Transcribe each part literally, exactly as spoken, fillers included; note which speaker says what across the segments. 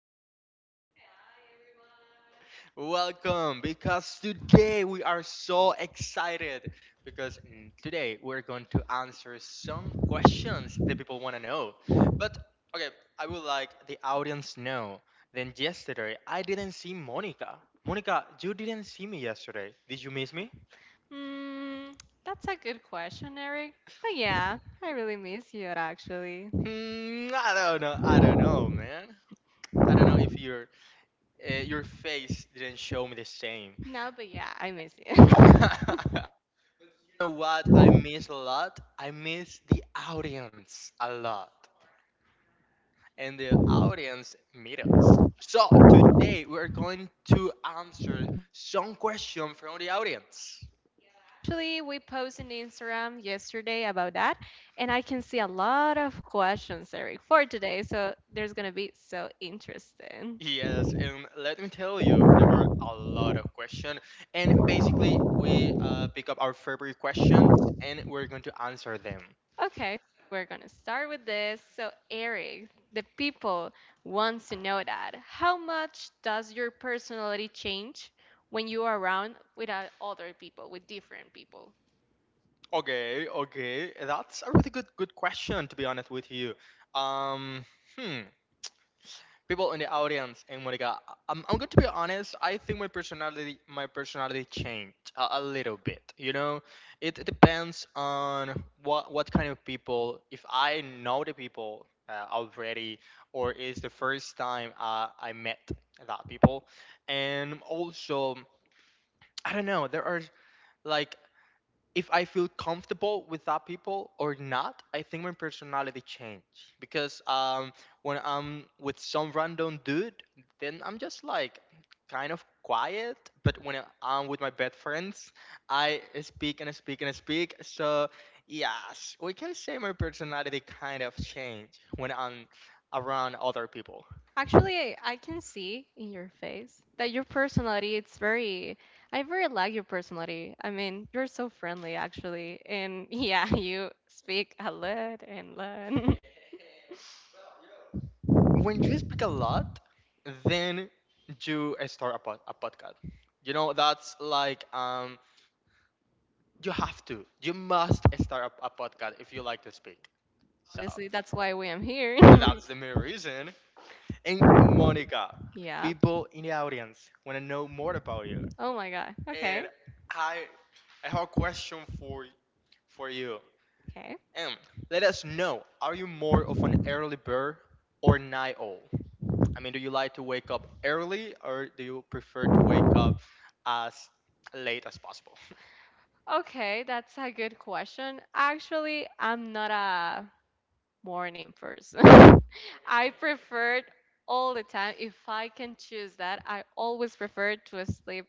Speaker 1: here. Welcome because today we are so excited because mm, today we're going to answer some questions that people want to know. But okay, I would like the audience know. Then yesterday I didn't see Monica. Monica, you didn't see me yesterday. Did you miss me?
Speaker 2: Mm, that's a good question, Eric. But yeah, I really miss you actually.
Speaker 1: Hmm, I don't know. I don't know, man. I don't know if your uh, your face didn't show me the same.
Speaker 2: No, but yeah, I miss you.
Speaker 1: You know what I miss a lot? I miss the audience a lot. And the audience meet us. So today we're going to answer some questions from the audience.
Speaker 2: Actually, we posted on Instagram yesterday about that, and I can see a lot of questions, Eric, for today. So there's gonna be so interesting.
Speaker 1: Yes, and let me tell you, there are a lot of questions. And basically, we uh, pick up our favorite questions and we're going to answer them.
Speaker 2: Okay, we're gonna start with this. So, Eric, the people wants to know that how much does your personality change when you are around with uh, other people, with different people?
Speaker 1: Okay, okay, that's a really good good question to be honest with you. Um, hmm. People in the audience and Monica. I'm, I'm going to be honest. I think my personality my personality changed a, a little bit. You know, it, it depends on what what kind of people. If I know the people uh, already, or it's the first time uh, I met that people, and also I don't know. There are like if I feel comfortable with that people or not, I think my personality changed because um, when I'm with some random dude, then I'm just like kind of quiet. But when I'm with my best friends, I speak and speak and speak. So yes, we can say my personality kind of changed when I'm around other people.
Speaker 2: Actually, I can see in your face that your personality it's very I very like your personality. I mean, you're so friendly actually. And yeah, you speak a lot and lot.
Speaker 1: When you speak a lot, then you start a, pod- a podcast. You know, that's like um you have to. You must start a, a podcast if you like to speak. So
Speaker 2: Obviously, that's why we am here.
Speaker 1: that's the main reason. And Monica,
Speaker 2: Yeah.
Speaker 1: people in the audience want to know more about you.
Speaker 2: Oh my God.
Speaker 1: And
Speaker 2: Okay.
Speaker 1: I, I have a question for for you.
Speaker 2: Okay.
Speaker 1: And let us know: are you more of an early bird or night owl? I mean, do you like to wake up early, or do you prefer to wake up as late as possible?
Speaker 2: Okay, that's a good question. Actually, I'm not a morning person. I prefer it all the time, if I can choose that, I always prefer to sleep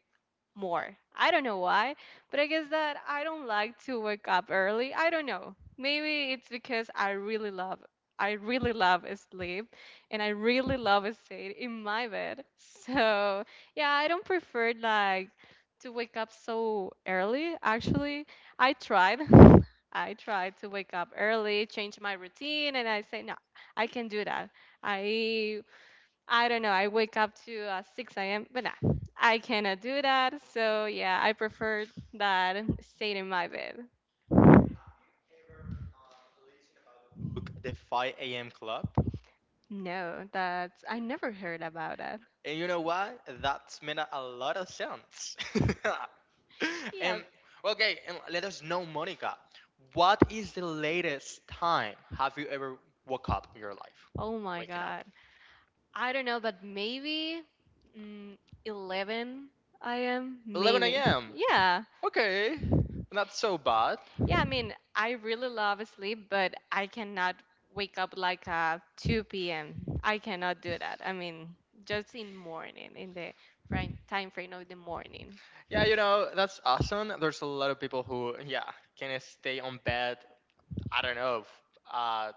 Speaker 2: more. I don't know why, but I guess that I don't like to wake up early. I don't know. Maybe it's because I really love I really love sleep and I really love staying in my bed. So, yeah, I don't prefer like to wake up so early actually. I tried I tried to wake up early, change my routine and I say no, I can do that. I I don't know. I wake up to uh, six a m, but nah, I cannot do that. So yeah, I prefer that staying in my bed.
Speaker 1: Look, the five a m club.
Speaker 2: No, that's I never heard about that.
Speaker 1: And you know why? That's made a lot of sense.
Speaker 2: Yeah.
Speaker 1: And well, okay, and let us know, Monica, what is the latest time have you ever woke up in your life?
Speaker 2: Oh my
Speaker 1: Waking
Speaker 2: God.
Speaker 1: up.
Speaker 2: I don't know, but maybe mm, eleven a m.
Speaker 1: 11
Speaker 2: Maybe.
Speaker 1: a.m.
Speaker 2: Yeah.
Speaker 1: Okay, not so bad.
Speaker 2: Yeah, I mean, I really love sleep, but I cannot wake up like uh two p m. I cannot do that. I mean, just in morning, in the fri- time frame of the morning.
Speaker 1: Yeah, you know, that's awesome. There's a lot of people who, yeah, can stay on bed, I don't know, f- uh,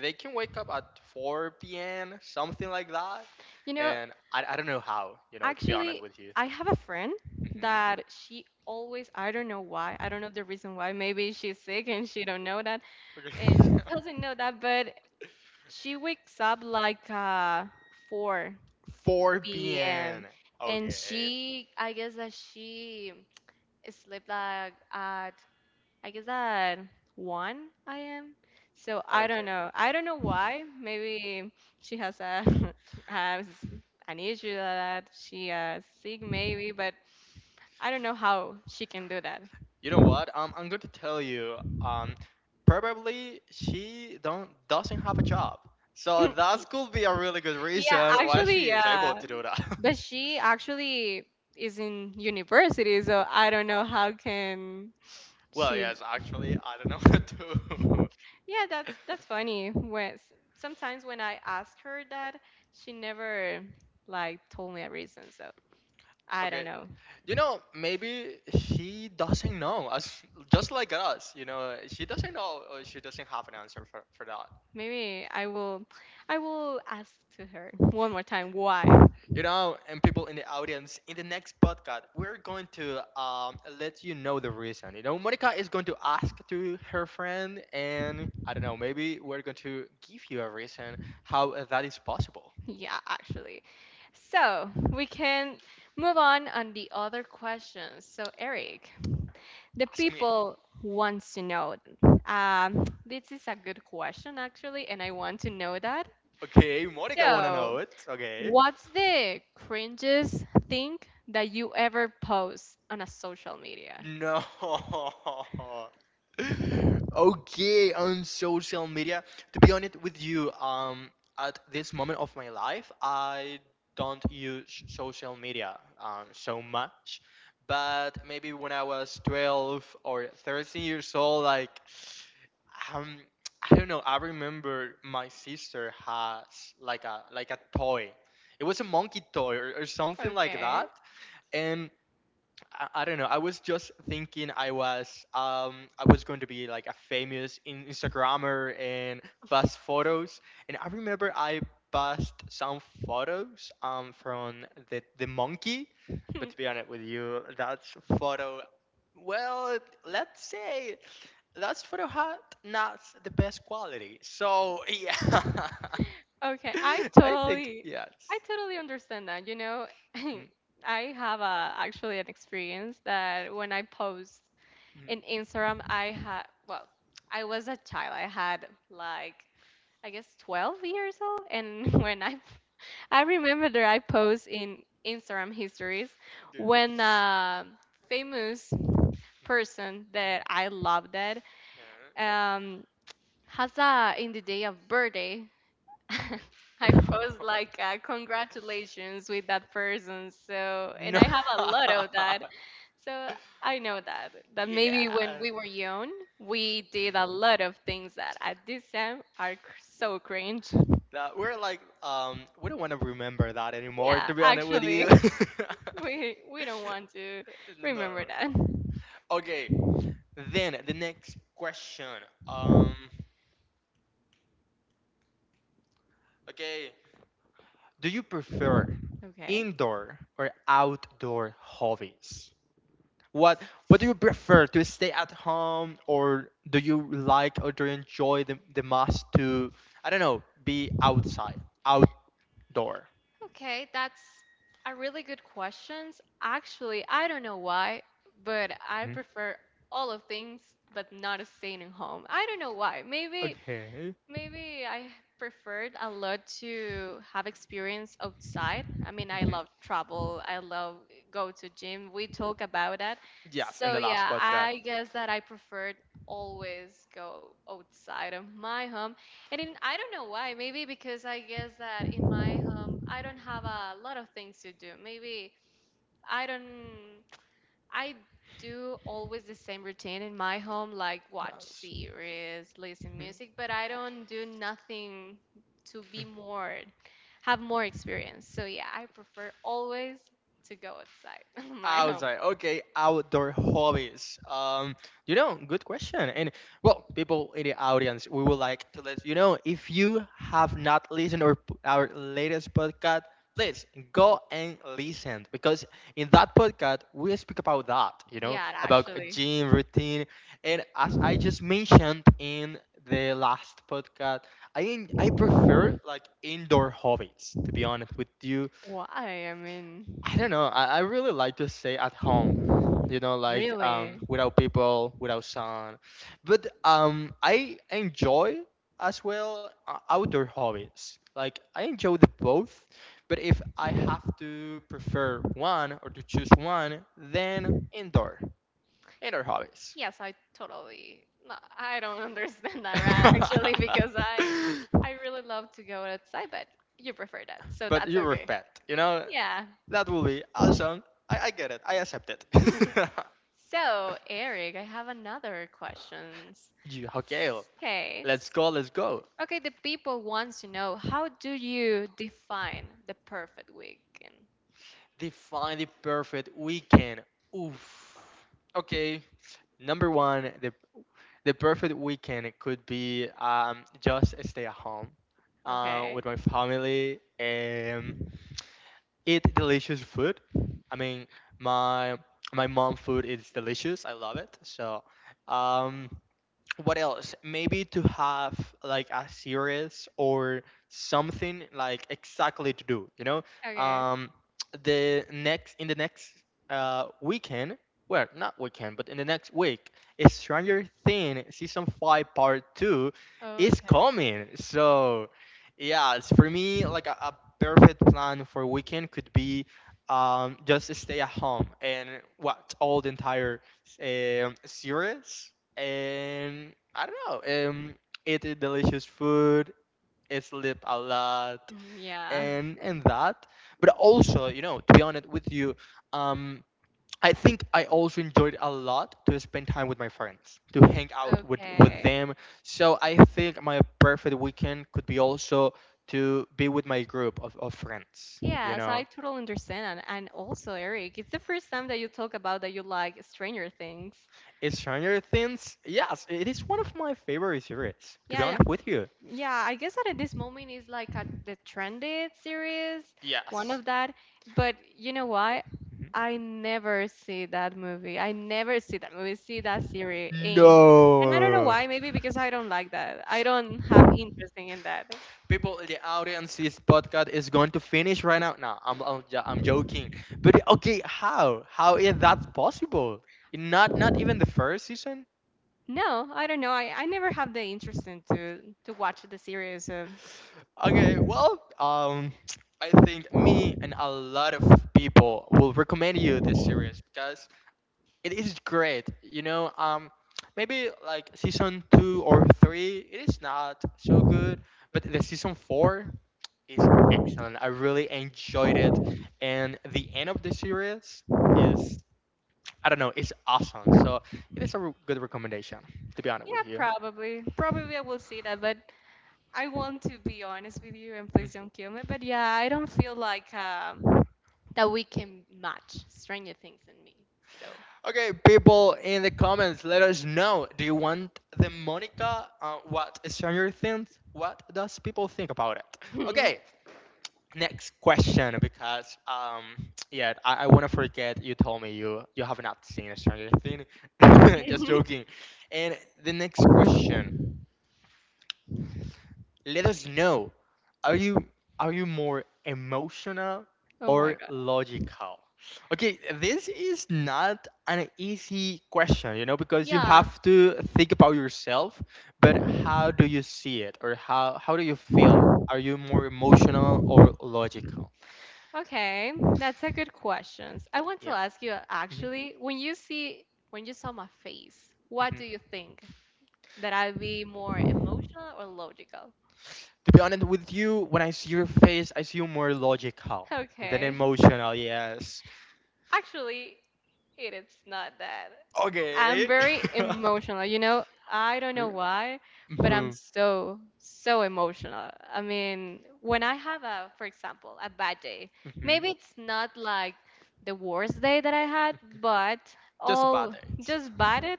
Speaker 1: they can wake up at four p m, something like that.
Speaker 2: You know,
Speaker 1: And I, I don't know how, you know, to be honest
Speaker 2: actually,
Speaker 1: with you.
Speaker 2: I have a friend
Speaker 1: Mhm.
Speaker 2: that she always, I don't know why, I don't know the reason why. Maybe she's sick and she don't know that,
Speaker 1: Okay.
Speaker 2: and she doesn't know that, but she wakes up like uh
Speaker 1: 4
Speaker 2: four p m
Speaker 1: p.m.
Speaker 2: and
Speaker 1: Okay.
Speaker 2: she, I guess that she sleep like at I guess at one I am. So I don't
Speaker 1: Okay.
Speaker 2: know. I don't know why. Maybe she has a has an issue like that she is sick maybe, but I don't know how she can do that.
Speaker 1: You know what? Um, I'm going to tell you. Um, Probably she don't doesn't have a job, so that could be a really good
Speaker 2: Yeah,
Speaker 1: reason why
Speaker 2: actually,
Speaker 1: she is
Speaker 2: yeah.
Speaker 1: able to do that.
Speaker 2: But she actually is in university, so I don't know how can
Speaker 1: Well,
Speaker 2: she.
Speaker 1: yes, actually, I don't know what to.
Speaker 2: Yeah, that's that's funny. When sometimes when I ask her that, she never like told me a reason. So I don't
Speaker 1: Okay.
Speaker 2: know.
Speaker 1: You know, maybe she doesn't know us, just like us. You know, she doesn't know, or she doesn't have an answer for, for that.
Speaker 2: Maybe I will I will ask to her one more time why.
Speaker 1: You know, and people in the audience, in the next podcast, we're going to um, let you know the reason. You know, Monica is going to ask to her friend, and I don't know, maybe we're going to give you a reason how that is possible.
Speaker 2: Yeah, actually. So we can move on on the other questions. So Eric, the
Speaker 1: Ask me.
Speaker 2: people wants to know. Um, this is a good question actually, and I want to know that.
Speaker 1: Okay, Monica wanna know
Speaker 2: So,
Speaker 1: it. Okay.
Speaker 2: what's the cringiest thing that you ever post on a social media?
Speaker 1: No. Okay, on social media. To be honest with you, um, at this moment of my life, I don't use social media um, so much. But maybe when I was twelve or thirteen years old, like, um, I don't know. I remember my sister has like a like a toy. It was a monkey toy or, or something like
Speaker 2: Okay.
Speaker 1: that. And I, I don't know. I was just thinking I was um I was going to be like a famous in- Instagrammer and post photos. And I remember I passed some photos um from the the monkey. But
Speaker 2: Hmm,
Speaker 1: to be honest with you, that photo, well, let's say that photo had not the best quality. So yeah,
Speaker 2: Okay, I
Speaker 1: I think
Speaker 2: totally
Speaker 1: yes.
Speaker 2: I totally understand that. You know,
Speaker 1: Mm,
Speaker 2: I have a actually an experience that when I post in
Speaker 1: mm.
Speaker 2: Instagram, I had well, I was a child. I had like I guess twelve years old. And when I, I remember that I post in Instagram histories
Speaker 1: Good.
Speaker 2: when a famous person that
Speaker 1: Mm,
Speaker 2: I love that um, has a, in the day of birthday,
Speaker 1: mm,
Speaker 2: I
Speaker 1: yeah. Mm.
Speaker 2: post like uh, congratulations with that person. So, and
Speaker 1: No.
Speaker 2: I have a lot of that. So I know that, that maybe when
Speaker 1: Yeah.
Speaker 2: we were young, we
Speaker 1: Mhm.
Speaker 2: did a lot of things that at this time are cr- so cringe.
Speaker 1: That we're like um we don't want to remember that anymore
Speaker 2: Yeah,
Speaker 1: to be honest with
Speaker 2: actually,
Speaker 1: you.
Speaker 2: we we don't want to remember
Speaker 1: No.
Speaker 2: that.
Speaker 1: Okay. Then the next question. Um okay, do you prefer
Speaker 2: Okay.
Speaker 1: indoor or outdoor hobbies? What what do you prefer, to stay at home, or do you like, or do you enjoy the, the, most to, I don't know, be outside, outdoor?
Speaker 2: Okay, that's a really good questions. Actually, I don't know why, but I
Speaker 1: Mhm.
Speaker 2: prefer all of things but not staying at home. I don't know why. Maybe
Speaker 1: Okay.
Speaker 2: Maybe I preferred a lot to have experience outside. I mean, I love travel. I love go to gym. We talk
Speaker 1: Mhm.
Speaker 2: about that.
Speaker 1: Yes, in
Speaker 2: So
Speaker 1: the last
Speaker 2: yeah,
Speaker 1: podcast.
Speaker 2: I guess that I preferred always go outside of my home. And in, I don't know why. Maybe because I guess that in my home I don't have a lot of things to do. Maybe I don't. I do always the same routine in my home, like watch
Speaker 1: Yes.
Speaker 2: series, listen
Speaker 1: Hmm.
Speaker 2: music, but I don't do nothing to
Speaker 1: Hmm.
Speaker 2: be more, have more experience. So yeah, I prefer always to go outside my home.
Speaker 1: Outside, okay, outdoor hobbies. Um, you know, good question. And well, people in the audience, we would like to let you know if you have not listened or p- our latest podcast, please go and listen because in that podcast we speak about that. You know,
Speaker 2: Yeah,
Speaker 1: about a
Speaker 2: actually.
Speaker 1: gym routine, and as I just mentioned in the last podcast, I en- I prefer like indoor hobbies. To be honest with you,
Speaker 2: Why? I
Speaker 1: I
Speaker 2: mean,
Speaker 1: don't know. I, I really like to stay at home, you know, like um,
Speaker 2: really?
Speaker 1: without people, without sun. But um, I enjoy as well uh, outdoor hobbies. Like I enjoy the both. But if I have to prefer one or to choose one, then indoor, indoor hobbies.
Speaker 2: Yes, I totally. No, I don't understand that right actually because I I really love to go outside, but you prefer that, so
Speaker 1: But
Speaker 2: that's
Speaker 1: you
Speaker 2: okay.
Speaker 1: respect, you know,
Speaker 2: Yeah.
Speaker 1: that will be awesome. I, I get it. I accept it.
Speaker 2: So, Eric, I have another questions.
Speaker 1: Yeah, okay.
Speaker 2: Okay.
Speaker 1: Let's go. Let's go.
Speaker 2: Okay, the people wants to know how do you define the perfect weekend?
Speaker 1: Define the perfect weekend. Oof. Okay. Number one, the the perfect weekend could be um, just stay at home um,
Speaker 2: Okay.
Speaker 1: with my family and eat delicious food. I mean, my my mom food is delicious. I love it. So, um, what else? Maybe to have like a series or something like exactly to do. You know,
Speaker 2: Okay.
Speaker 1: um, the next in the next uh, weekend, well, not weekend, but in the next week, is Stranger Thing season five part two is
Speaker 2: Okay.
Speaker 1: coming. So, yeah, it's for me like a, a perfect plan for weekend could be. Um, just stay at home and watch all the entire um series and I don't know. Um, eat a delicious food, eh, sleep a lot,
Speaker 2: Mhm. Yeah.
Speaker 1: and and that. But also, you know, to be honest with you, um, I think I also enjoyed a lot to spend time with my friends, to hang out with with
Speaker 2: Okay.
Speaker 1: them. So I think my perfect weekend could be also to be with my group of, of friends. You
Speaker 2: Yes,
Speaker 1: know.
Speaker 2: I totally understand. And, and also, Eric, it's the first time that you talk about that you like Stranger Things.
Speaker 1: Is Stranger Things? Yes, it is one of my favorite series. To be
Speaker 2: Yeah, yeah,
Speaker 1: honest with you,
Speaker 2: yeah, I guess that at this moment is like a, the trended series, one
Speaker 1: yes.
Speaker 2: of that. But you know what? I never see that movie. I never see that movie, see that series. Eh. And I don't know
Speaker 1: No.
Speaker 2: why, maybe because I don't like that. I don't have interest in that.
Speaker 1: People in the audience, this podcast is going to finish right now. No, I'm, I'm, jo- I'm joking. But okay, how? How is that possible? Not not even the first season?
Speaker 2: No, I don't know. I, I never have the interest in to to watch the series. So
Speaker 1: Okay, well, um, I think me and a lot of people will recommend you this series because it is great. You know, um, maybe like season two or three, it is not so good, but the season four is excellent. I really enjoyed it, and the end of the series is, I don't know, it's awesome. So it is a re- good recommendation, to be honest
Speaker 2: yeah,
Speaker 1: with you.
Speaker 2: probably. Probably I will see that, but I want to be honest with you and
Speaker 1: Mm.
Speaker 2: please don't kill me. But yeah, I don't feel like um that we can match Stranger Things and me. So,
Speaker 1: Okay, people in the comments, let us know. Do you want the Monica? Uh, what is Stranger Things? What does people think about it? Okay, next question, because um yeah, I, I wanna forget you told me you you have not seen Stranger Things. Just joking. And the next question, let us know: are you are you more emotional
Speaker 2: oh my
Speaker 1: or
Speaker 2: god,
Speaker 1: logical? Okay, this is not an easy question, you know, because you
Speaker 2: yeah.
Speaker 1: have to think about yourself. But how do you see it, or how how do you feel? Are you more emotional or logical?
Speaker 2: Okay, that's a good question. I want to
Speaker 1: Yeah.
Speaker 2: ask you
Speaker 1: Mm-hmm.
Speaker 2: actually, when you see when you saw my face, what
Speaker 1: Mhm.
Speaker 2: do you think? That I'd be more emotional or logical?
Speaker 1: To be honest with you, when I see your face, I see you more logical than
Speaker 2: Okay.
Speaker 1: emotional. Yes.
Speaker 2: Actually, it is not that. I'm
Speaker 1: Okay.
Speaker 2: very emotional. You know, I don't know
Speaker 1: hmm
Speaker 2: why, but
Speaker 1: hmm
Speaker 2: I'm so, so emotional. I mean, when I have a, for example, a bad day, maybe it's not like the worst day that I had, but
Speaker 1: Just
Speaker 2: all
Speaker 1: about it.
Speaker 2: just bad.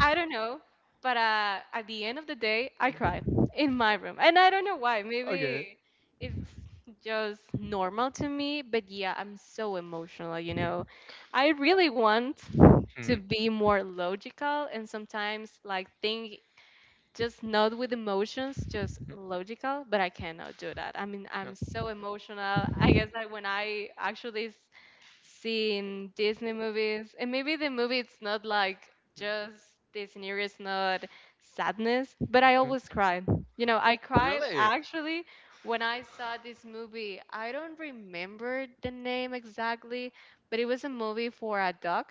Speaker 2: I don't know, but uh, at the end of the day, I cry in my room, and I don't know why.
Speaker 1: Okay.
Speaker 2: Maybe it's just normal to me, but yeah, I'm so emotional. You know, I really want to
Speaker 1: Mm-hmm.
Speaker 2: be more logical and sometimes like think just not with emotions, just logical, but I cannot do that. I mean, I'm so emotional. I guess that when I actually s- seen Disney movies, and maybe the movie it's not like just the scenario is not sadness, but I always
Speaker 1: Mm-hmm.
Speaker 2: cried. You know, I cried
Speaker 1: Really?
Speaker 2: actually when I saw this movie. I don't remember the name exactly, but it was a movie for a dog.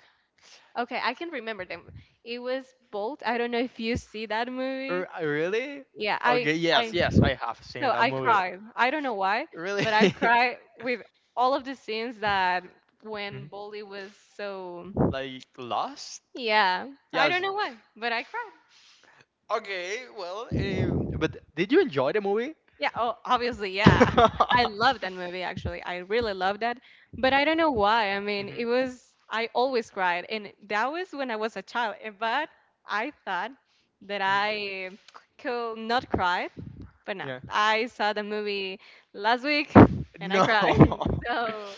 Speaker 2: Okay, I can remember them. It was Bolt. I don't know if you see that movie.
Speaker 1: R- uh, really?
Speaker 2: Yeah, I
Speaker 1: Okay. Yes.
Speaker 2: I
Speaker 1: Yes. I have seen
Speaker 2: so
Speaker 1: that
Speaker 2: I
Speaker 1: movie.
Speaker 2: cry. I don't know why,
Speaker 1: Really?
Speaker 2: but I cry with all of the scenes that when
Speaker 1: Mhm.
Speaker 2: Bolly was so
Speaker 1: Like Lost?
Speaker 2: yeah, I don't
Speaker 1: Yes.
Speaker 2: know why, but I cry.
Speaker 1: Okay, well, eh, but did you enjoy the movie?
Speaker 2: Yeah, oh, obviously, yeah. I love that movie actually. I really loved that. But I don't know why. I mean, it
Speaker 1: Mhm,
Speaker 2: was I always cried and that was when I was a child. eh, But I thought that
Speaker 1: mhm.
Speaker 2: I could not cry. But no,
Speaker 1: Yeah.
Speaker 2: I saw the movie last week and I
Speaker 1: No.
Speaker 2: cried. So,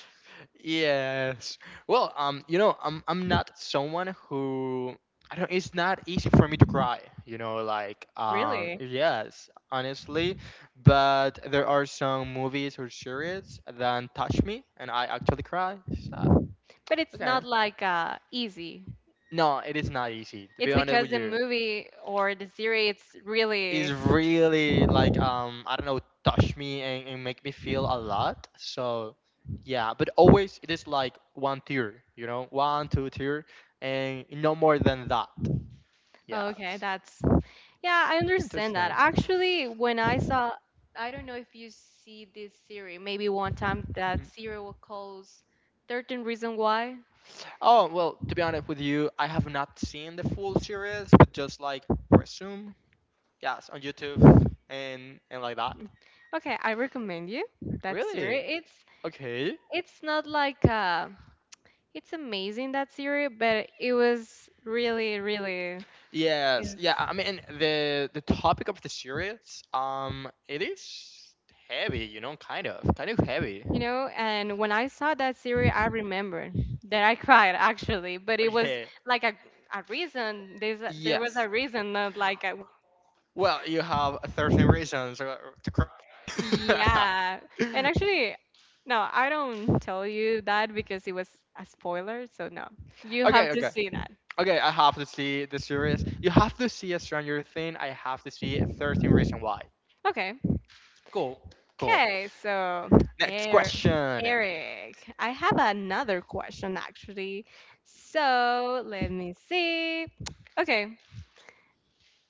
Speaker 1: Yes. Well, um, you know, I'm I'm not someone who I don't. It's not easy for me to cry. You know, like um,
Speaker 2: really.
Speaker 1: yes, honestly, but there are some movies or series that touch me, and I actually cry. So,
Speaker 2: But it's
Speaker 1: okay.
Speaker 2: not like uh easy.
Speaker 1: No, it is not easy. To be
Speaker 2: It's
Speaker 1: honest
Speaker 2: because
Speaker 1: with
Speaker 2: the
Speaker 1: you,
Speaker 2: movie or the series
Speaker 1: it's
Speaker 2: really.
Speaker 1: really like um I don't know, touch me and, and make me feel a lot. So yeah, but always it is like one tier, you know, one two tier, and no more than that.
Speaker 2: Okay,
Speaker 1: Yes,
Speaker 2: that's, yeah, I understand that.
Speaker 1: interesting.
Speaker 2: Actually, when I saw, I don't know if you see this series, maybe one time that
Speaker 1: Mhm.
Speaker 2: series was called thirteen Reason Why.
Speaker 1: Oh well, to be honest with you, I have not seen the full series, but just like resume, yes, on YouTube and and like that.
Speaker 2: Okay, I recommend you that
Speaker 1: Really?
Speaker 2: series. It's
Speaker 1: Okay.
Speaker 2: it's not like uh it's amazing that series, but it was really, really
Speaker 1: Yes.
Speaker 2: it's,
Speaker 1: Yeah. I mean, the the topic of the series, um, it is heavy. You know, kind of, kind of heavy.
Speaker 2: you know, and when I saw that series, I remember that I cried actually, but it was
Speaker 1: Okay.
Speaker 2: like a a reason. There's a, there was
Speaker 1: Yes.
Speaker 2: a reason, not like a,
Speaker 1: Well, you have thirteen reasons uh, to cry.
Speaker 2: yeah. And actually, no, I don't tell you that because it was a spoiler. So no, you
Speaker 1: Okay,
Speaker 2: have to
Speaker 1: okay.
Speaker 2: see that.
Speaker 1: Okay, I have to see the series. You have to see a Stranger Thing. I have to see thirteen Reasons Why.
Speaker 2: Okay.
Speaker 1: Cool. Cool.
Speaker 2: Okay. So
Speaker 1: Next
Speaker 2: Eric,
Speaker 1: question.
Speaker 2: Eric, I have another question actually. So let me see. Okay.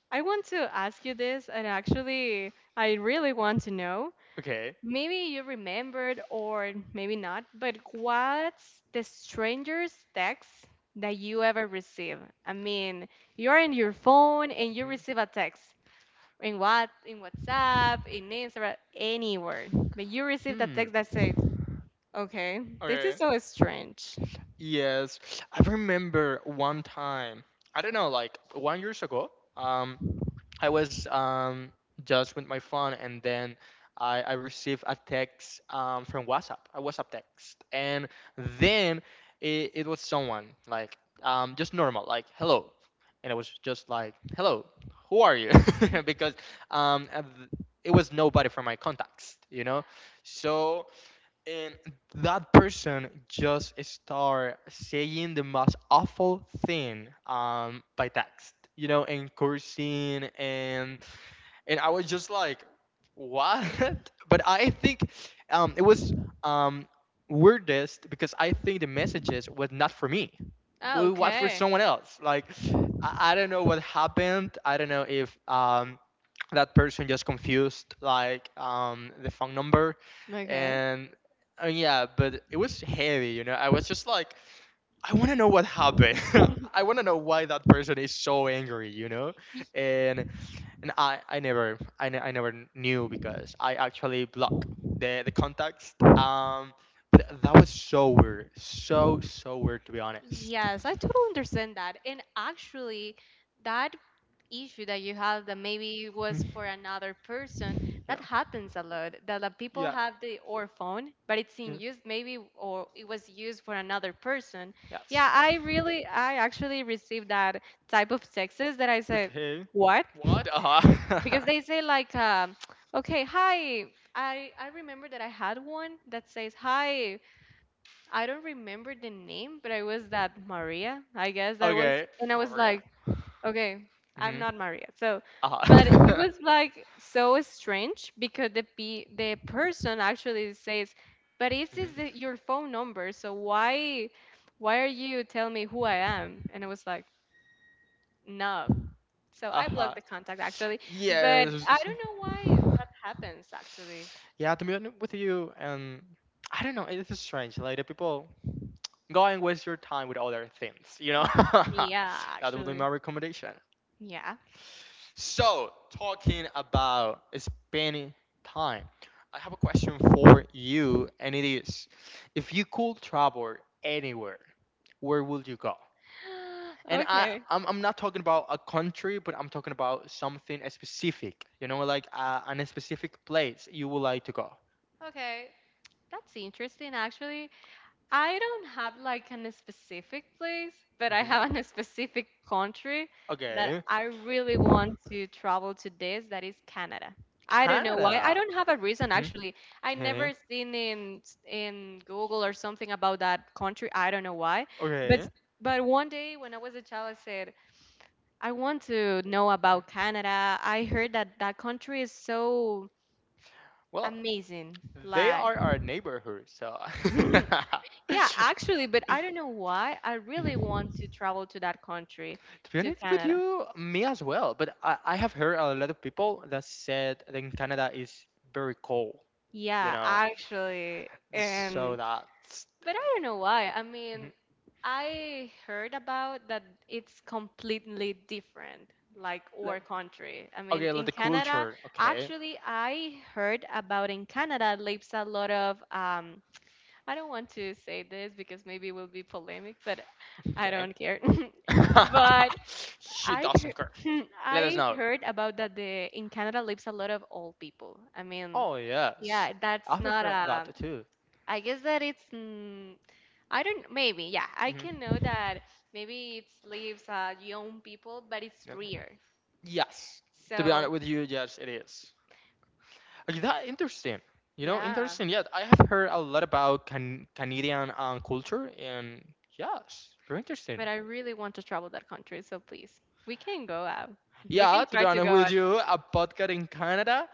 Speaker 2: I want to ask you this, and actually, I really want to know.
Speaker 1: Okay.
Speaker 2: Maybe you remembered, or maybe not, but what's the strangest text that you ever received? I mean, you're in your phone and you
Speaker 1: Mhm.
Speaker 2: receive a text in what in WhatsApp, in Instagram, anywhere, but you received a
Speaker 1: Hmm.
Speaker 2: text that says, "Okay, this is
Speaker 1: Okay.
Speaker 2: so strange."
Speaker 1: Yes, I remember one time. I don't know, like one years ago. Um, I was um, just with my phone, and then I, I received a text um, from WhatsApp, a WhatsApp text, and then it, it was someone like um, just normal, like hello, and I was just like, hello, who are you? Because um, uh, th- it was nobody from my contacts, you know, so and that person just start saying the most awful thing um by text, you know, and cursing and and I was just like, what? But I think um, it was um, weirdest because I think the messages was not for me,
Speaker 2: Oh,
Speaker 1: wa- was for
Speaker 2: okay.
Speaker 1: someone else. Like I, I don't know what happened. I don't know if um, that person just confused like um, the phone number,
Speaker 2: Okay.
Speaker 1: and uh, yeah, but it was heavy. You know, I was just like, I want to know what happened. I want to know why that person is so angry. You know, and and I, I never I, ne- I never knew because I actually blocked the the contacts. Um, th- that was so weird, so so weird, to be honest.
Speaker 2: Yes, I totally understand that. And actually, that issue that you have that maybe was
Speaker 1: Mm.
Speaker 2: for another person,
Speaker 1: Yeah,
Speaker 2: that happens a lot. That the people have the or phone, but it's
Speaker 1: yeah,
Speaker 2: in use maybe or it was used for another person. Yeah,
Speaker 1: yes.
Speaker 2: I really I actually received that type of texts that I said,
Speaker 1: Okay.
Speaker 2: "What?"
Speaker 1: What? Uh huh.
Speaker 2: Because they say like, um, "Okay, hi, I I remember that I had one that says, "Hi, I don't remember the name, but I was that Maria, I guess that was,
Speaker 1: Okay.
Speaker 2: and I was
Speaker 1: Maria.
Speaker 2: like, okay, I'm
Speaker 1: Mhm.
Speaker 2: not Maria. So,
Speaker 1: Uh
Speaker 2: but it
Speaker 1: huh.
Speaker 2: was like so strange because the pe the person actually says, but this is
Speaker 1: Mhm.
Speaker 2: the, your phone number, so why why are you telling me who I am? And I was like, no. So I blocked
Speaker 1: Uh-huh.
Speaker 2: the contact actually, but I
Speaker 1: Yes.
Speaker 2: don't know why that happens actually.
Speaker 1: Yeah, to be honest with you, um, I don't know. It is strange. Like the people go and waste your time with other things. You know,
Speaker 2: Yeah,
Speaker 1: that would be
Speaker 2: actually.
Speaker 1: my recommendation.
Speaker 2: Yeah.
Speaker 1: So, talking about spending time, I have a question for you, and it is: if you could travel anywhere, where would you go? And I
Speaker 2: Okay.
Speaker 1: I'm, I'm not talking about a country, but I'm talking about something uh, specific. You know, like uh, an specific place you would like to go.
Speaker 2: Okay, that's interesting actually. I don't have like an specific place, but I
Speaker 1: Mhm.
Speaker 2: have a specific country that
Speaker 1: Okay,
Speaker 2: I really want to travel to this, that is Canada. I don't know why. I
Speaker 1: Canada.
Speaker 2: don't have a reason
Speaker 1: Mhm.
Speaker 2: actually. I never
Speaker 1: Okay.
Speaker 2: seen in in Google or something about that country. I don't know why. But
Speaker 1: Okay.
Speaker 2: but one day when I was a child, I said, I want to know about Canada. I heard that that country is so
Speaker 1: Well,
Speaker 2: amazing.
Speaker 1: they
Speaker 2: Like
Speaker 1: are our neighborhood, so.
Speaker 2: yeah, actually, but I don't know why. I really
Speaker 1: Mhm.
Speaker 2: want to travel to that country,
Speaker 1: To be
Speaker 2: to
Speaker 1: honest with
Speaker 2: Canada.
Speaker 1: you, me as well. But I, I have heard a lot of people that said that in Canada is very cold. You
Speaker 2: Yeah,
Speaker 1: know.
Speaker 2: actually. And
Speaker 1: So that's
Speaker 2: but I don't know why. I mean,
Speaker 1: mhm,
Speaker 2: I heard about that it's completely different, like
Speaker 1: like
Speaker 2: our country. I mean,
Speaker 1: okay, like
Speaker 2: in
Speaker 1: the
Speaker 2: Canada,
Speaker 1: culture. Okay,
Speaker 2: actually, I heard about in Canada lives a lot of um I don't want to say this because maybe it will be polemic, but I
Speaker 1: okay.
Speaker 2: don't care. But
Speaker 1: She
Speaker 2: I
Speaker 1: doesn't
Speaker 2: heard,
Speaker 1: care. Let us
Speaker 2: I
Speaker 1: know.
Speaker 2: heard about that the in Canada lives a lot of old people. I mean,
Speaker 1: Oh yes,
Speaker 2: yeah, that's
Speaker 1: I've
Speaker 2: not
Speaker 1: heard
Speaker 2: a.
Speaker 1: that too.
Speaker 2: I guess that it's. mm, I don't. Maybe yeah. I can
Speaker 1: Hmm.
Speaker 2: know that maybe it lives uh, young people, but it's
Speaker 1: Yeah.
Speaker 2: rare.
Speaker 1: Yes, to be
Speaker 2: So
Speaker 1: honest with you, yes, it is. Okay, that interesting. You know,
Speaker 2: yeah,
Speaker 1: interesting. Yeah, I have heard a lot about can- Canadian um, culture, and yes, very interesting.
Speaker 2: but I really want to travel that country. So please, we can go out. We can
Speaker 1: Yeah, to
Speaker 2: try
Speaker 1: be
Speaker 2: to
Speaker 1: honest
Speaker 2: go
Speaker 1: with
Speaker 2: out.
Speaker 1: you, a podcast in Canada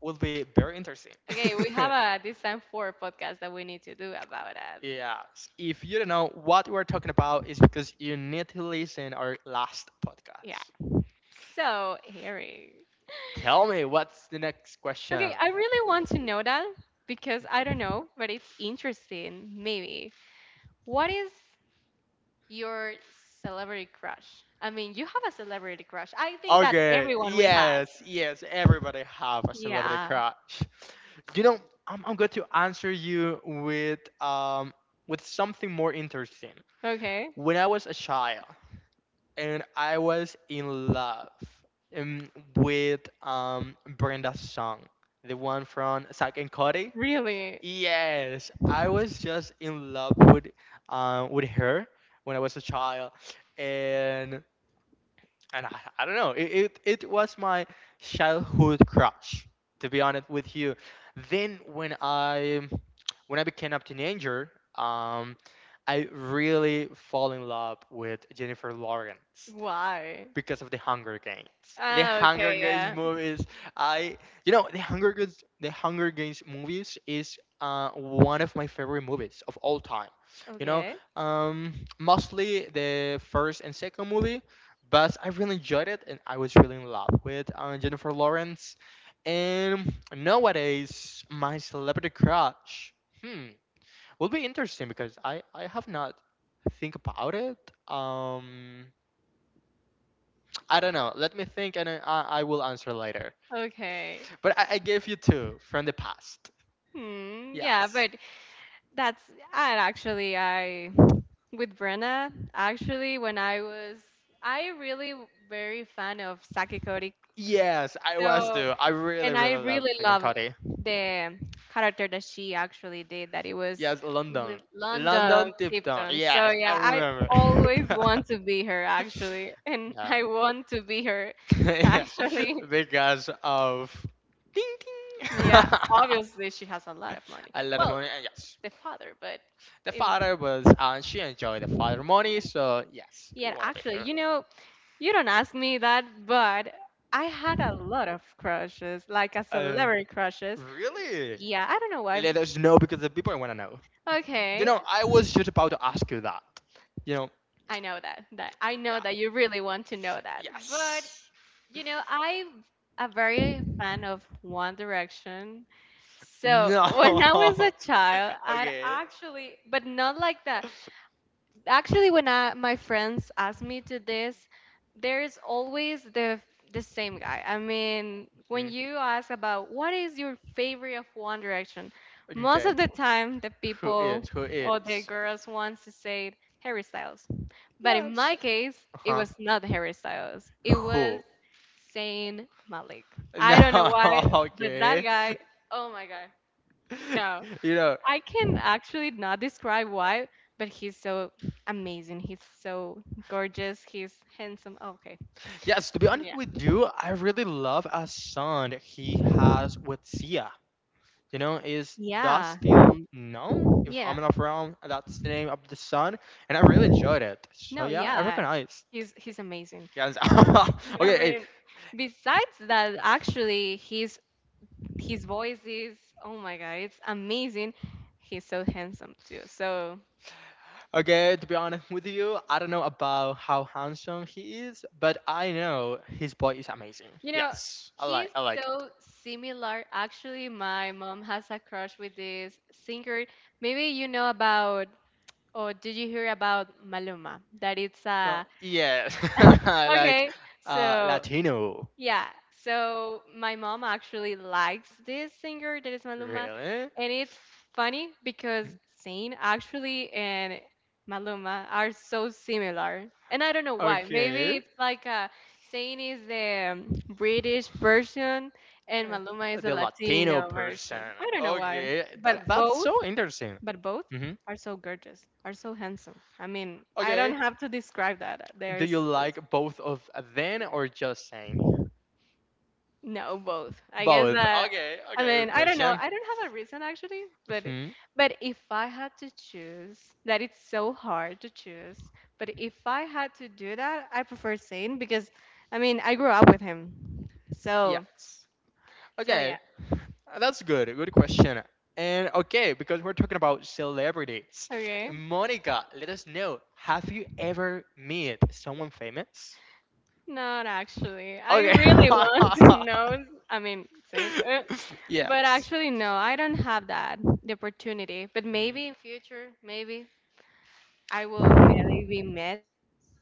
Speaker 1: will be very interesting.
Speaker 2: Okay, we have a this time four podcast that we need to do about it.
Speaker 1: Yes. If you don't know what we're talking about, it's because you need to listen our last
Speaker 2: Yeah.
Speaker 1: podcast.
Speaker 2: So, Harry.
Speaker 1: Tell me, what's the next
Speaker 2: Okay,
Speaker 1: question?
Speaker 2: I really want to know that because I don't know, but it's interesting, maybe. What is your celebrity crush? I mean, you have a celebrity crush. I think that
Speaker 1: Okay.
Speaker 2: everyone we has.
Speaker 1: Yes. Yes. Everybody have a celebrity
Speaker 2: Yeah.
Speaker 1: crush. You know, I'm, I'm going to answer you with um with something more interesting.
Speaker 2: Okay.
Speaker 1: When I was a child, and I was in love um, with um, Brenda's song, the one from Zack and Cody.
Speaker 2: Really?
Speaker 1: Yes, I was just in love with um, with her when I was a child, and and I, I don't know, it, it it was my childhood crush. To be honest with you, then when I when I became a teenager, um, I really fall in love with Jennifer Lawrence
Speaker 2: Why?
Speaker 1: because of the Hunger Games. The
Speaker 2: Ah,
Speaker 1: Hunger
Speaker 2: okay,
Speaker 1: Games
Speaker 2: yeah.
Speaker 1: movies, I you know the Hunger Games, the Hunger Games movies is uh, one of my favorite movies of all time. You know,
Speaker 2: Okay.
Speaker 1: um, mostly the first and second movie, but I really enjoyed it and I was really in love with uh, Jennifer Lawrence. And nowadays, my celebrity crush, hmm, will be interesting because I I have not think about it. Um, I don't know. Let me think, and I, I I will answer later.
Speaker 2: Okay.
Speaker 1: But I, I gave you two from the past.
Speaker 2: Hmm,
Speaker 1: Yes.
Speaker 2: yeah, but that's and actually I with Brenna, actually when I was I really very fan of Saki Cody.
Speaker 1: Yes, I was
Speaker 2: So
Speaker 1: too. I really,
Speaker 2: and I
Speaker 1: really love
Speaker 2: really
Speaker 1: taking
Speaker 2: love
Speaker 1: Cody.
Speaker 2: the character that she actually did that it was
Speaker 1: Yes,
Speaker 2: L-
Speaker 1: London.
Speaker 2: London
Speaker 1: London Tipton.
Speaker 2: Tipton. So
Speaker 1: Yes, I
Speaker 2: yeah, I
Speaker 1: remember.
Speaker 2: always want to be her actually and
Speaker 1: Yeah.
Speaker 2: I want to be her
Speaker 1: Yeah.
Speaker 2: actually.
Speaker 1: Because of ding ding.
Speaker 2: Yeah, obviously she has a lot of money.
Speaker 1: A lot of
Speaker 2: Well,
Speaker 1: money, and yes,
Speaker 2: the father, but
Speaker 1: the
Speaker 2: in,
Speaker 1: father was, and she enjoyed the father money. So yes, we
Speaker 2: yeah,
Speaker 1: want to be
Speaker 2: actually,
Speaker 1: here.
Speaker 2: you know, you don't ask me that, but I had a lot of crushes, like a
Speaker 1: Uh,
Speaker 2: celebrity crushes.
Speaker 1: Really?
Speaker 2: Yeah, I don't know why.
Speaker 1: Let us know because the people want to know. You
Speaker 2: Okay,
Speaker 1: know, I was just about to ask you that. You know,
Speaker 2: I know that. That I know
Speaker 1: yeah,
Speaker 2: that you really want to know that. But
Speaker 1: yes,
Speaker 2: you know, I'm a very fan of One Direction. So
Speaker 1: no,
Speaker 2: when I was a child, I'd
Speaker 1: okay.
Speaker 2: actually, but not like that. Actually when I, my friends ask me to this there's always the the same guy. I mean when
Speaker 1: Mhm.
Speaker 2: you ask about what is your favorite of One Direction, most
Speaker 1: Okay.
Speaker 2: of the time the
Speaker 1: Who
Speaker 2: people
Speaker 1: is? Who
Speaker 2: or the
Speaker 1: is?
Speaker 2: girls wants to say Harry Styles, but in
Speaker 1: Yes.
Speaker 2: my case
Speaker 1: Uh
Speaker 2: it
Speaker 1: huh.
Speaker 2: was not Harry Styles, it was
Speaker 1: Who?
Speaker 2: Zayn Malik. I
Speaker 1: No.
Speaker 2: don't know why, but that
Speaker 1: Okay.
Speaker 2: guy, oh my god, no,
Speaker 1: You know,
Speaker 2: I can actually not describe why, but he's so amazing. He's so gorgeous. He's handsome. Oh, okay.
Speaker 1: yes, to be honest
Speaker 2: Yeah.
Speaker 1: with you, I really love a song that he has with Sia. You know, is Does
Speaker 2: Yeah.
Speaker 1: Still Know? If
Speaker 2: Yeah.
Speaker 1: I'm not wrong, that's the name of the song, and I really enjoyed it. So
Speaker 2: No,
Speaker 1: yeah, I
Speaker 2: yeah.
Speaker 1: recognize.
Speaker 2: He's he's amazing.
Speaker 1: Yes.
Speaker 2: And I
Speaker 1: Okay, hey,
Speaker 2: mean, besides that, actually his his voice is oh my god, it's amazing. He's so handsome too. So,
Speaker 1: okay. To be honest with you, I don't know about how handsome he is, but I know his voice is amazing.
Speaker 2: you know,
Speaker 1: Yes, I like.
Speaker 2: he's
Speaker 1: I like.
Speaker 2: so similar. Actually, my mom has a crush with this singer. Maybe you know about oh, did you hear about Maluma? That it's
Speaker 1: Well,
Speaker 2: a
Speaker 1: yes, like
Speaker 2: okay.
Speaker 1: uh,
Speaker 2: So
Speaker 1: Latino.
Speaker 2: yeah. So my mom actually likes this singer that is Maluma,
Speaker 1: Really?
Speaker 2: and it's funny because
Speaker 1: Hmm.
Speaker 2: Zayn actually and Maluma are so similar, and I don't know why. Maybe
Speaker 1: Okay.
Speaker 2: it's like uh Zayn is the um, British version and Maluma
Speaker 1: Uh,
Speaker 2: is the
Speaker 1: The Latino
Speaker 2: Latino
Speaker 1: person.
Speaker 2: version. I don't know why,
Speaker 1: Okay,
Speaker 2: but
Speaker 1: that, that's
Speaker 2: both
Speaker 1: so interesting.
Speaker 2: but both
Speaker 1: Hmm.
Speaker 2: are so gorgeous, are so handsome. I mean, I
Speaker 1: Okay.
Speaker 2: don't have to describe that.
Speaker 1: Do
Speaker 2: There's
Speaker 1: you
Speaker 2: just
Speaker 1: like both of them or just Zane?
Speaker 2: no both. I guess
Speaker 1: Both.
Speaker 2: that
Speaker 1: Okay.
Speaker 2: I
Speaker 1: Okay.
Speaker 2: mean,
Speaker 1: Good
Speaker 2: I don't know.
Speaker 1: question.
Speaker 2: I don't have a reason actually, but
Speaker 1: Hmm.
Speaker 2: but if I had to choose, that it's so hard to choose, but if I had to do that, I prefer Zane because I mean, I grew up with him. So,
Speaker 1: Yes.
Speaker 2: so yeah.
Speaker 1: Okay. Uh, That's good. A good question. And okay, because we're talking about celebrities,
Speaker 2: Okay.
Speaker 1: Monica, let us know. Have you ever met someone famous?
Speaker 2: Not actually. I
Speaker 1: Okay.
Speaker 2: really want to know. I mean, Zane.
Speaker 1: Yeah.
Speaker 2: But actually, no, I don't have that the opportunity. But
Speaker 1: Mhm.
Speaker 2: maybe in future, maybe I will maybe meet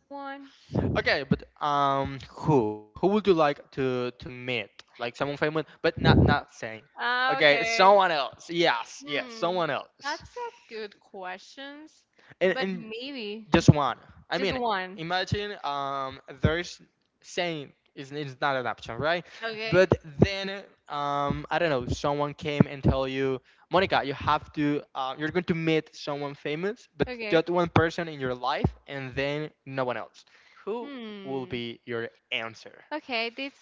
Speaker 2: one.
Speaker 1: Okay, but um, who? Who would you like to to meet? Like someone famous, but not not saying.
Speaker 2: Ah,
Speaker 1: Okay,
Speaker 2: okay.
Speaker 1: someone else. Yes, yes,
Speaker 2: Hmm,
Speaker 1: someone else.
Speaker 2: that's a good questions.
Speaker 1: and,
Speaker 2: But
Speaker 1: and
Speaker 2: maybe
Speaker 1: just one. I
Speaker 2: just
Speaker 1: mean,
Speaker 2: one.
Speaker 1: imagine um, there's saying it's, it's not an option, right?
Speaker 2: Okay.
Speaker 1: But then um, I don't know, someone came and tell you, Monica, you have to, uh, you're going to meet someone famous, but
Speaker 2: Okay.
Speaker 1: just one person in your life, and then no one else. Who will
Speaker 2: Hmm.
Speaker 1: be your answer?
Speaker 2: Okay. This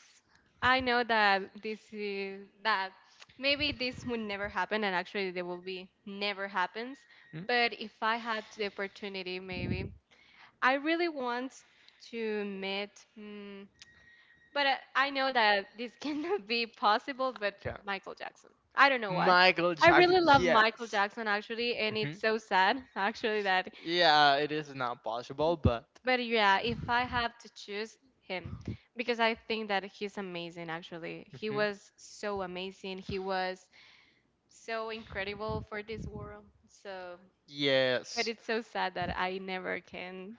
Speaker 2: I know that this is that maybe this would never happen, and actually, there will be never happens.
Speaker 1: Hmm?
Speaker 2: But if I had the opportunity, maybe I really want to meet, mm, but I, I know that this cannot be possible, but
Speaker 1: Yeah.
Speaker 2: Michael Jackson. I don't know why.
Speaker 1: Michael
Speaker 2: I
Speaker 1: Jackson.
Speaker 2: really love Michael
Speaker 1: Yes.
Speaker 2: Jackson actually, and
Speaker 1: Hmm.
Speaker 2: it's so sad actually that.
Speaker 1: Yeah, it is not possible, but
Speaker 2: But yeah, if I have to choose him, because I think that he's amazing actually. He
Speaker 1: mhm.
Speaker 2: was so amazing. He was so incredible for this world. So, but
Speaker 1: Yes.
Speaker 2: it's so sad that I never can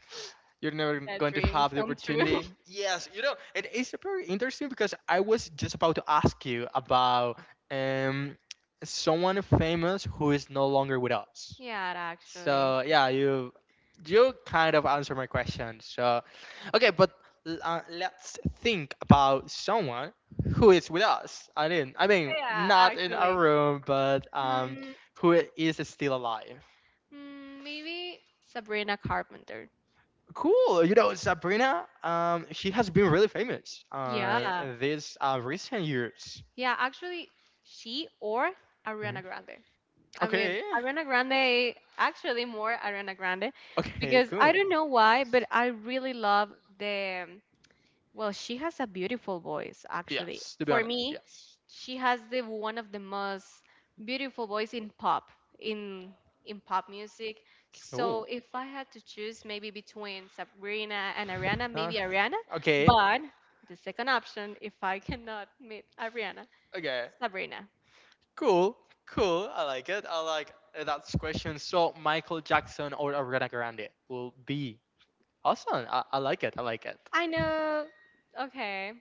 Speaker 1: You're never
Speaker 2: that
Speaker 1: going to
Speaker 2: dream
Speaker 1: have the
Speaker 2: come true.
Speaker 1: opportunity. Yes, you know, and it's very interesting because I was just about to ask you about um, someone famous who is no longer with us.
Speaker 2: Yeah, actually.
Speaker 1: So yeah, you you kind of answer my question. So okay, but l- uh, let's think about someone who is with us. I mean, I mean,
Speaker 2: Yeah,
Speaker 1: not in our
Speaker 2: actually.
Speaker 1: room, but um,
Speaker 2: Mm,
Speaker 1: who is still alive.
Speaker 2: mm, maybe Sabrina Carpenter.
Speaker 1: Cool. You know, Sabrina, um, she has been really famous on
Speaker 2: Yeah,
Speaker 1: these uh, recent years.
Speaker 2: yeah, actually, she or
Speaker 1: Mhm.
Speaker 2: Ariana Grande. I mean,
Speaker 1: Okay.
Speaker 2: Ariana Grande, actually more Ariana Grande,
Speaker 1: Okay,
Speaker 2: because I
Speaker 1: cool.
Speaker 2: don't know why, but I really love the well, she has a beautiful voice, actually.
Speaker 1: Yes, to be
Speaker 2: For
Speaker 1: honest.
Speaker 2: me,
Speaker 1: Yes.
Speaker 2: she has the one of the most beautiful voice in pop, in in pop music. So
Speaker 1: Cool.
Speaker 2: if I had to choose maybe between Sabrina and Ariana,
Speaker 1: Uh,
Speaker 2: maybe Ariana,
Speaker 1: okay.
Speaker 2: but the second option, if I cannot meet Ariana,
Speaker 1: Okay.
Speaker 2: Sabrina.
Speaker 1: Cool. Cool. I like it. I like that question. So, Michael Jackson or Ariana Grande will be awesome. I, I like it. I like it.
Speaker 2: I know, okay.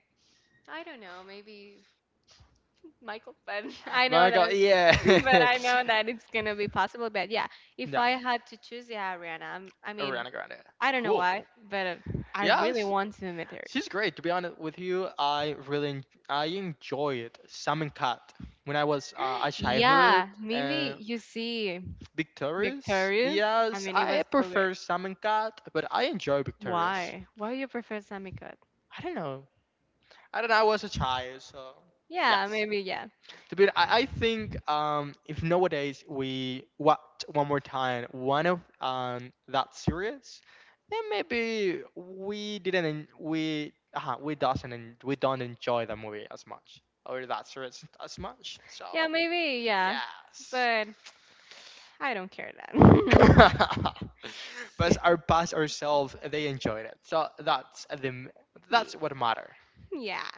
Speaker 2: I don't know, maybe Michael, but I know
Speaker 1: Michael,
Speaker 2: that,
Speaker 1: yeah.
Speaker 2: but I know that it's gonna be possible. But yeah, if
Speaker 1: Yeah.
Speaker 2: I had to choose, yeah, Ariana. I'm, I mean,
Speaker 1: Ariana Grande.
Speaker 2: I don't know
Speaker 1: Cool.
Speaker 2: why, but uh, I really
Speaker 1: Yes.
Speaker 2: want to meet her.
Speaker 1: She's great, to be honest with you. I really en- I enjoyed Sam and Cat when I was uh, a childhood
Speaker 2: Yeah, maybe
Speaker 1: and
Speaker 2: you see
Speaker 1: Victorious.
Speaker 2: Victorious. I
Speaker 1: Yes,
Speaker 2: mean, it
Speaker 1: I
Speaker 2: was so great.
Speaker 1: prefer Sam and Cat, but I enjoy Victorious.
Speaker 2: Why? Why you prefer Sammy Cut?
Speaker 1: I don't know. I don't know. I was a child, so
Speaker 2: Yeah,
Speaker 1: yes.
Speaker 2: maybe yeah.
Speaker 1: To be, I, I think um, if nowadays we watch one more time one of um, that series, then maybe we didn't en- we uh, we doesn't en- we don't enjoy the movie as much or that series as much. So
Speaker 2: Yeah, maybe yeah.
Speaker 1: yes.
Speaker 2: But I don't care that.
Speaker 1: But
Speaker 2: So,
Speaker 1: our past ourselves, they enjoyed it, so that's the
Speaker 2: yeah.
Speaker 1: that's what matter.
Speaker 2: Yeah.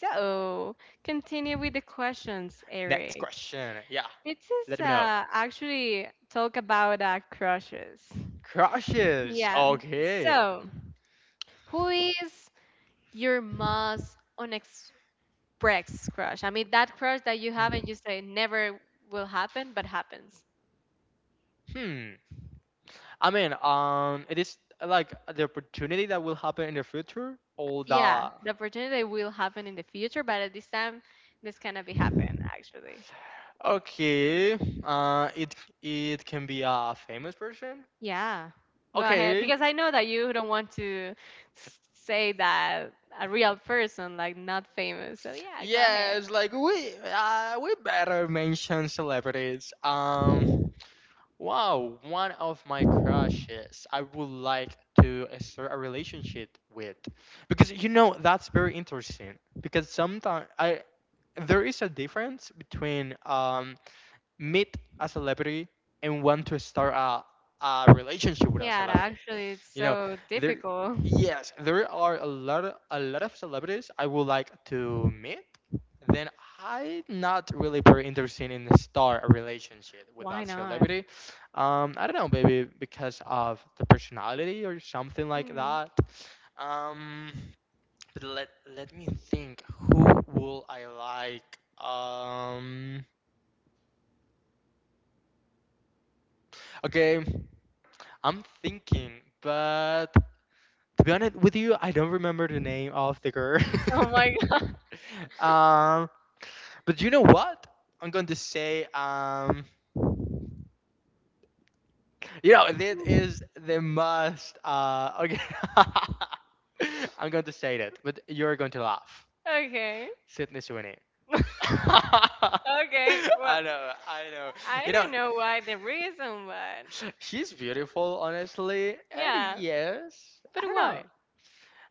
Speaker 2: So continue with the questions,
Speaker 1: Next
Speaker 2: Eric.
Speaker 1: question. Yeah,
Speaker 2: This is
Speaker 1: let me know.
Speaker 2: uh, actually talk about uh, crushes.
Speaker 1: Crushes.
Speaker 2: Yeah.
Speaker 1: Okay.
Speaker 2: So, who is your most unexpressed crush? I mean, that crush that you have and
Speaker 1: Mm.
Speaker 2: you say never will happen, but happens.
Speaker 1: Hmm. I mean, um, it is like the opportunity that will happen in the future, or
Speaker 2: Yeah,
Speaker 1: the
Speaker 2: the opportunity will happen in the future, but at this time, this cannot be happen actually.
Speaker 1: okay, uh, it it can be a famous person.
Speaker 2: Yeah, go ahead
Speaker 1: Okay,
Speaker 2: because I know that you don't want to s- say that a real person, like not famous. So yeah, go ahead.
Speaker 1: yes, like we uh, we better mention celebrities. Um, Wow, one of my crushes I would like to uh, start a relationship with. Because you know, that's very interesting. Because sometimes I there is a difference between um meet a celebrity and want to start a, a relationship with a
Speaker 2: Yeah, that
Speaker 1: celebrity.
Speaker 2: actually, it's
Speaker 1: You know,
Speaker 2: so
Speaker 1: there
Speaker 2: difficult.
Speaker 1: yes, there are a lot of, a lot of celebrities I would like to meet then I'm not really very interested in start a relationship with
Speaker 2: Why
Speaker 1: that
Speaker 2: not?
Speaker 1: celebrity. Um, I don't know, maybe because of the personality or something like
Speaker 2: Hmm.
Speaker 1: that. Um, but let let me think. Who will I like? Um, okay, I'm thinking, but to be honest with you, I don't remember the name of the girl.
Speaker 2: Oh my god.
Speaker 1: Um, but you know what? I'm going to say um you know, that is the most. Uh, okay. I'm going to say that, but you're going to laugh.
Speaker 2: Okay.
Speaker 1: Sydney Sweeney. I
Speaker 2: Okay.
Speaker 1: know,
Speaker 2: Well,
Speaker 1: I know.
Speaker 2: I
Speaker 1: You know,
Speaker 2: don't know why the reason, but
Speaker 1: she's beautiful, honestly. And
Speaker 2: yeah.
Speaker 1: yes,
Speaker 2: But
Speaker 1: I don't know.
Speaker 2: why?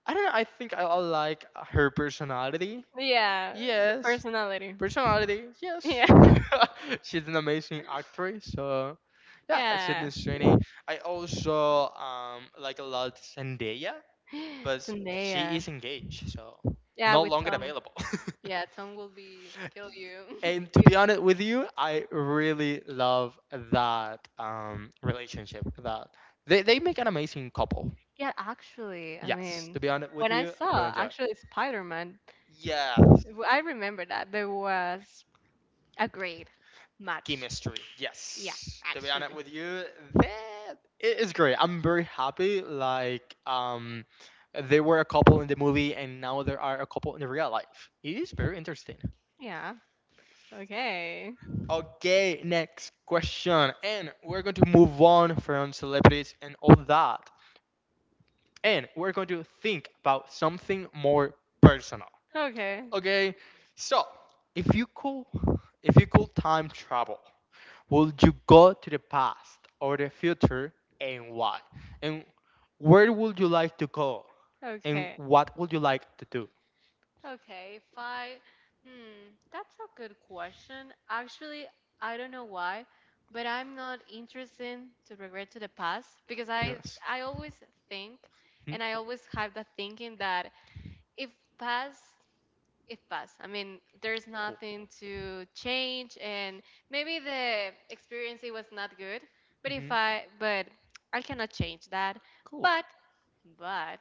Speaker 1: I don't know. I think I I like her personality.
Speaker 2: Yeah, the
Speaker 1: Yes.
Speaker 2: personality.
Speaker 1: Personality. Yes.
Speaker 2: Yeah.
Speaker 1: She's an amazing actress. So yeah,
Speaker 2: Yeah.
Speaker 1: Sydney Sweeney. I also um like a lot Zendaya, but she
Speaker 2: Zendaya.
Speaker 1: is engaged, so
Speaker 2: Yeah,
Speaker 1: no
Speaker 2: with
Speaker 1: longer
Speaker 2: Tom.
Speaker 1: available.
Speaker 2: Yeah, Tom will be kill you.
Speaker 1: And to
Speaker 2: If
Speaker 1: be honest with you, I really love that um relationship. That they they make an amazing couple.
Speaker 2: yeah, actually, I
Speaker 1: Yes, to
Speaker 2: mean,
Speaker 1: be honest with
Speaker 2: when I
Speaker 1: you, I really
Speaker 2: saw
Speaker 1: enjoy it.
Speaker 2: actually Spider-Man,
Speaker 1: Yeah,
Speaker 2: w- I remember that there was a great match.
Speaker 1: chemistry.
Speaker 2: Yeah,
Speaker 1: Yes, to be honest
Speaker 2: actually.
Speaker 1: with you, that it is great. I'm very happy. Like um, they were a couple in the movie, and now there are a couple in the real life. It is very interesting.
Speaker 2: Yeah. Okay.
Speaker 1: Okay, next question, and we're going to move on from celebrities and all that, and we're going to think about something more personal.
Speaker 2: Okay.
Speaker 1: Okay, so if you could, if you could time travel, would you go to the past or the future, and why? And where would you like to go? And
Speaker 2: Okay.
Speaker 1: what would you like to do?
Speaker 2: Okay, if I, hmm, that's a good question. Actually, I don't know why, but I'm not interested to regret to the past because I
Speaker 1: Yes.
Speaker 2: I always think
Speaker 1: Hmm?
Speaker 2: and I always have the thinking that if past, if past, I mean, there's
Speaker 1: Cool.
Speaker 2: nothing to change and maybe the experience it was not good, but if
Speaker 1: Hmm.
Speaker 2: I, but I cannot change that.
Speaker 1: Cool.
Speaker 2: But but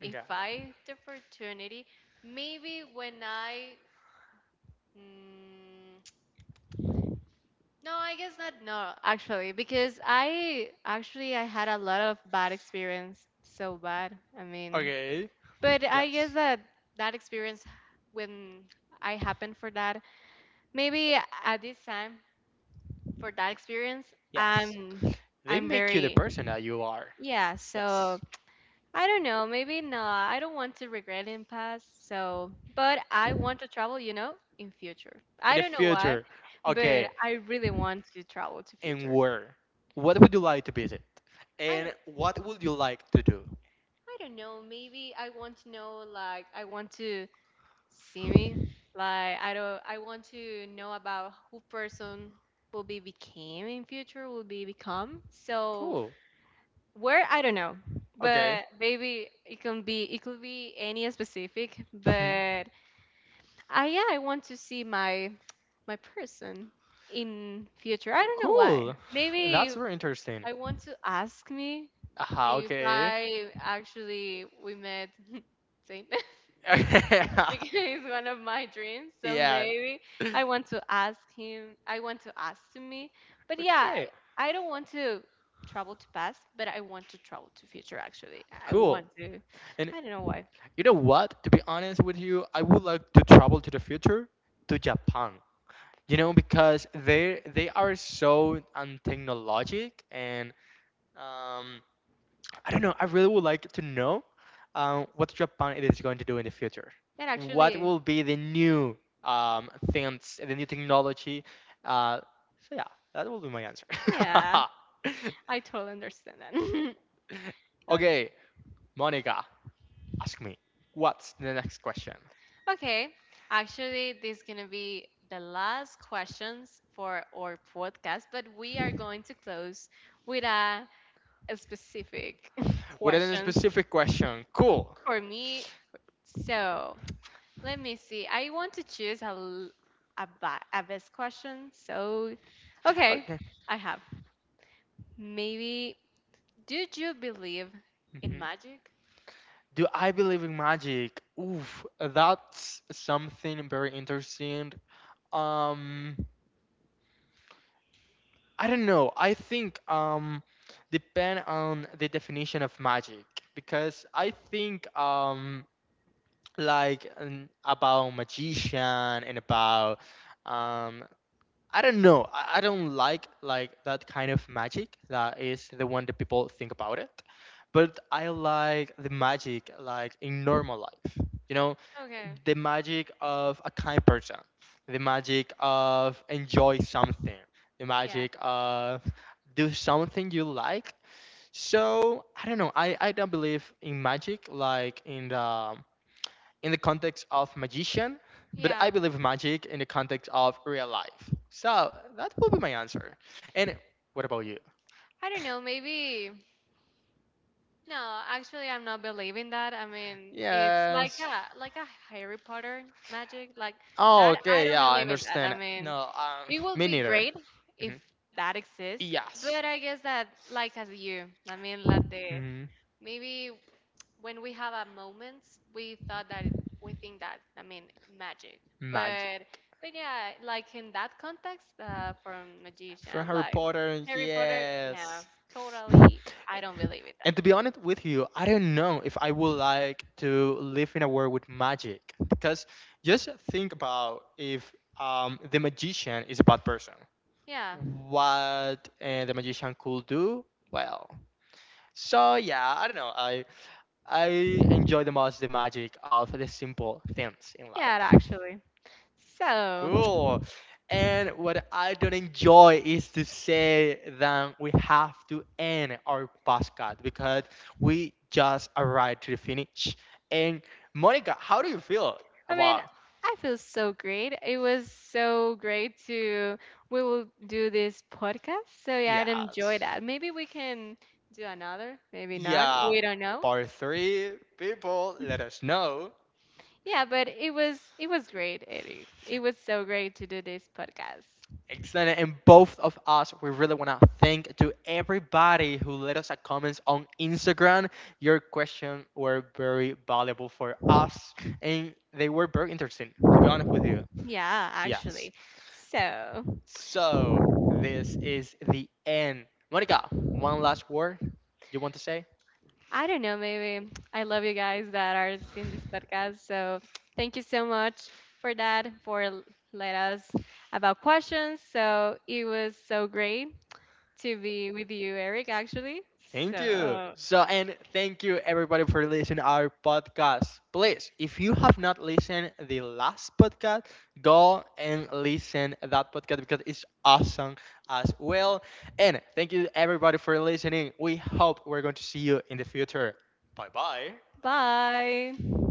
Speaker 2: if
Speaker 1: Okay.
Speaker 2: I the opportunity maybe when I Mm, no, I guess not. No, actually, because I actually I had a lot of bad experience, so bad. I mean,
Speaker 1: Okay.
Speaker 2: but I guess
Speaker 1: Yes.
Speaker 2: that that experience when I happened for that, maybe at this time for that experience,
Speaker 1: Yes.
Speaker 2: I'm
Speaker 1: They
Speaker 2: I'm
Speaker 1: make you the
Speaker 2: very
Speaker 1: person that you are.
Speaker 2: yeah.
Speaker 1: Yes.
Speaker 2: So I don't know, maybe not. I don't want to regret in past, so but I want to travel, you know, in future.
Speaker 1: In
Speaker 2: I
Speaker 1: the
Speaker 2: don't know why,
Speaker 1: future.
Speaker 2: but
Speaker 1: Okay.
Speaker 2: I really want to travel to
Speaker 1: And
Speaker 2: future.
Speaker 1: where? What would you like to visit?
Speaker 2: I
Speaker 1: And
Speaker 2: don't
Speaker 1: what would you like to do?
Speaker 2: I don't know, maybe I want to know like I want to see me. Like I don't I want to know about who person will be became in future, will be become. So
Speaker 1: Cool.
Speaker 2: where I don't know.
Speaker 1: Okay.
Speaker 2: But maybe it can be it could be any specific,
Speaker 1: Hmm.
Speaker 2: but I yeah, I want to see my my person in future. I don't know why.
Speaker 1: Cool. That's
Speaker 2: Maybe
Speaker 1: very interesting.
Speaker 2: I want to ask me
Speaker 1: Ah,
Speaker 2: if
Speaker 1: okay.
Speaker 2: I actually we met same because it's one of my dreams. So
Speaker 1: yeah.
Speaker 2: maybe I want to ask him. I want to ask to me. But yeah,
Speaker 1: Okay.
Speaker 2: I, I don't want to travel to past, but I want to travel to future actually. I
Speaker 1: Cool.
Speaker 2: want to.
Speaker 1: And
Speaker 2: I don't know why.
Speaker 1: you know what? To be honest with you, I would like to travel to the future to Japan. You know, because they they are so untechnologic, and um I don't know, I really would like to know um what Japan it is going to do in the future.
Speaker 2: And
Speaker 1: What
Speaker 2: actually,
Speaker 1: will be the new um things, the new technology? Uh so yeah, that will be my answer.
Speaker 2: yeah, I totally understand that. Okay.
Speaker 1: Okay, Monica, ask me. What's the next question?
Speaker 2: Okay, actually, this is gonna be the last questions for our podcast, but we are going to close with a, a specific
Speaker 1: Without any
Speaker 2: questions
Speaker 1: specific question. Cool.
Speaker 2: for me. So let me see. I want to choose a l- a, ba- a best question. So, okay,
Speaker 1: Okay.
Speaker 2: I have. Maybe, do you believe in
Speaker 1: Mhm.
Speaker 2: magic?
Speaker 1: Do I believe in magic? Oof, that's something very interesting. Um, I don't know. I think um, depend on the definition of magic, because I think um, like um, about magician, and about um, I don't know. I, I don't like like that kind of magic that is the one that people think about it. But I like the magic like in normal life. You know,
Speaker 2: Okay,
Speaker 1: the magic of a kind person, the magic of enjoy something, the
Speaker 2: yeah.
Speaker 1: magic of do something you like. So I don't know. I, I don't believe in magic like in the in the context of magician, but
Speaker 2: Yeah.
Speaker 1: I believe magic in the context of real life. So that will be my answer. And what about you?
Speaker 2: I don't know, maybe no, actually I'm not believing that. I mean, it's like
Speaker 1: Yes.
Speaker 2: a like a Harry Potter magic, like
Speaker 1: Oh,
Speaker 2: that I
Speaker 1: okay.
Speaker 2: don't
Speaker 1: Yeah, I
Speaker 2: believe in that. I
Speaker 1: understand.
Speaker 2: mean,
Speaker 1: No, um,
Speaker 2: it would
Speaker 1: me
Speaker 2: be
Speaker 1: neither.
Speaker 2: great if
Speaker 1: Hmm.
Speaker 2: that exists,
Speaker 1: Yes.
Speaker 2: but I guess that like as you, I mean, like the
Speaker 1: Hmm.
Speaker 2: maybe when we have a moment, we thought that it- we think that I mean magic, but
Speaker 1: Magic.
Speaker 2: but yeah, like in that context, uh, from
Speaker 1: From
Speaker 2: magician
Speaker 1: Harry
Speaker 2: like
Speaker 1: Potter,
Speaker 2: Harry Potter, no,
Speaker 1: yes.
Speaker 2: totally, I don't believe it.
Speaker 1: And to be honest with you, I don't know if I would like to live in a world with magic. Because just think about if um, the magician is a bad person.
Speaker 2: Yeah,
Speaker 1: What uh, the magician could do? Well, so yeah, I don't know. I I enjoy the most the magic of the simple things in
Speaker 2: yeah,
Speaker 1: life.
Speaker 2: actually. So
Speaker 1: Cool. And what I don't enjoy is to say that we have to end our podcast, because we just arrived to the finish. And Monica, how do you feel
Speaker 2: I mean,
Speaker 1: about
Speaker 2: I feel so great. It was so great to we will do this podcast. So yeah,
Speaker 1: yeah,
Speaker 2: I'd enjoy that. Maybe we can do another, maybe not.
Speaker 1: yeah,
Speaker 2: We don't know.
Speaker 1: part three? People, let us know.
Speaker 2: Yeah, but it was it was great, Eddie. It was so great to do this podcast.
Speaker 1: Excellent. And both of us, we really want to thank to everybody who let us a comments on Instagram. Your questions were very valuable for us, and they were very interesting. To be honest with you,
Speaker 2: Yeah,
Speaker 1: yes.
Speaker 2: actually. So
Speaker 1: So this is the end. Monica, one last word you want to say?
Speaker 2: I don't know, maybe I love you guys that are in this podcast. So thank you so much for that, for l- let us about questions. So it was so great to be with you, Eric, actually.
Speaker 1: Thank you.
Speaker 2: So
Speaker 1: So, and thank you everybody for listening our podcast. Please, if you have not listened the last podcast, go and listen that podcast because it's awesome as well. And thank you everybody for listening. We hope we're going to see you in the future. Bye bye.
Speaker 2: bye.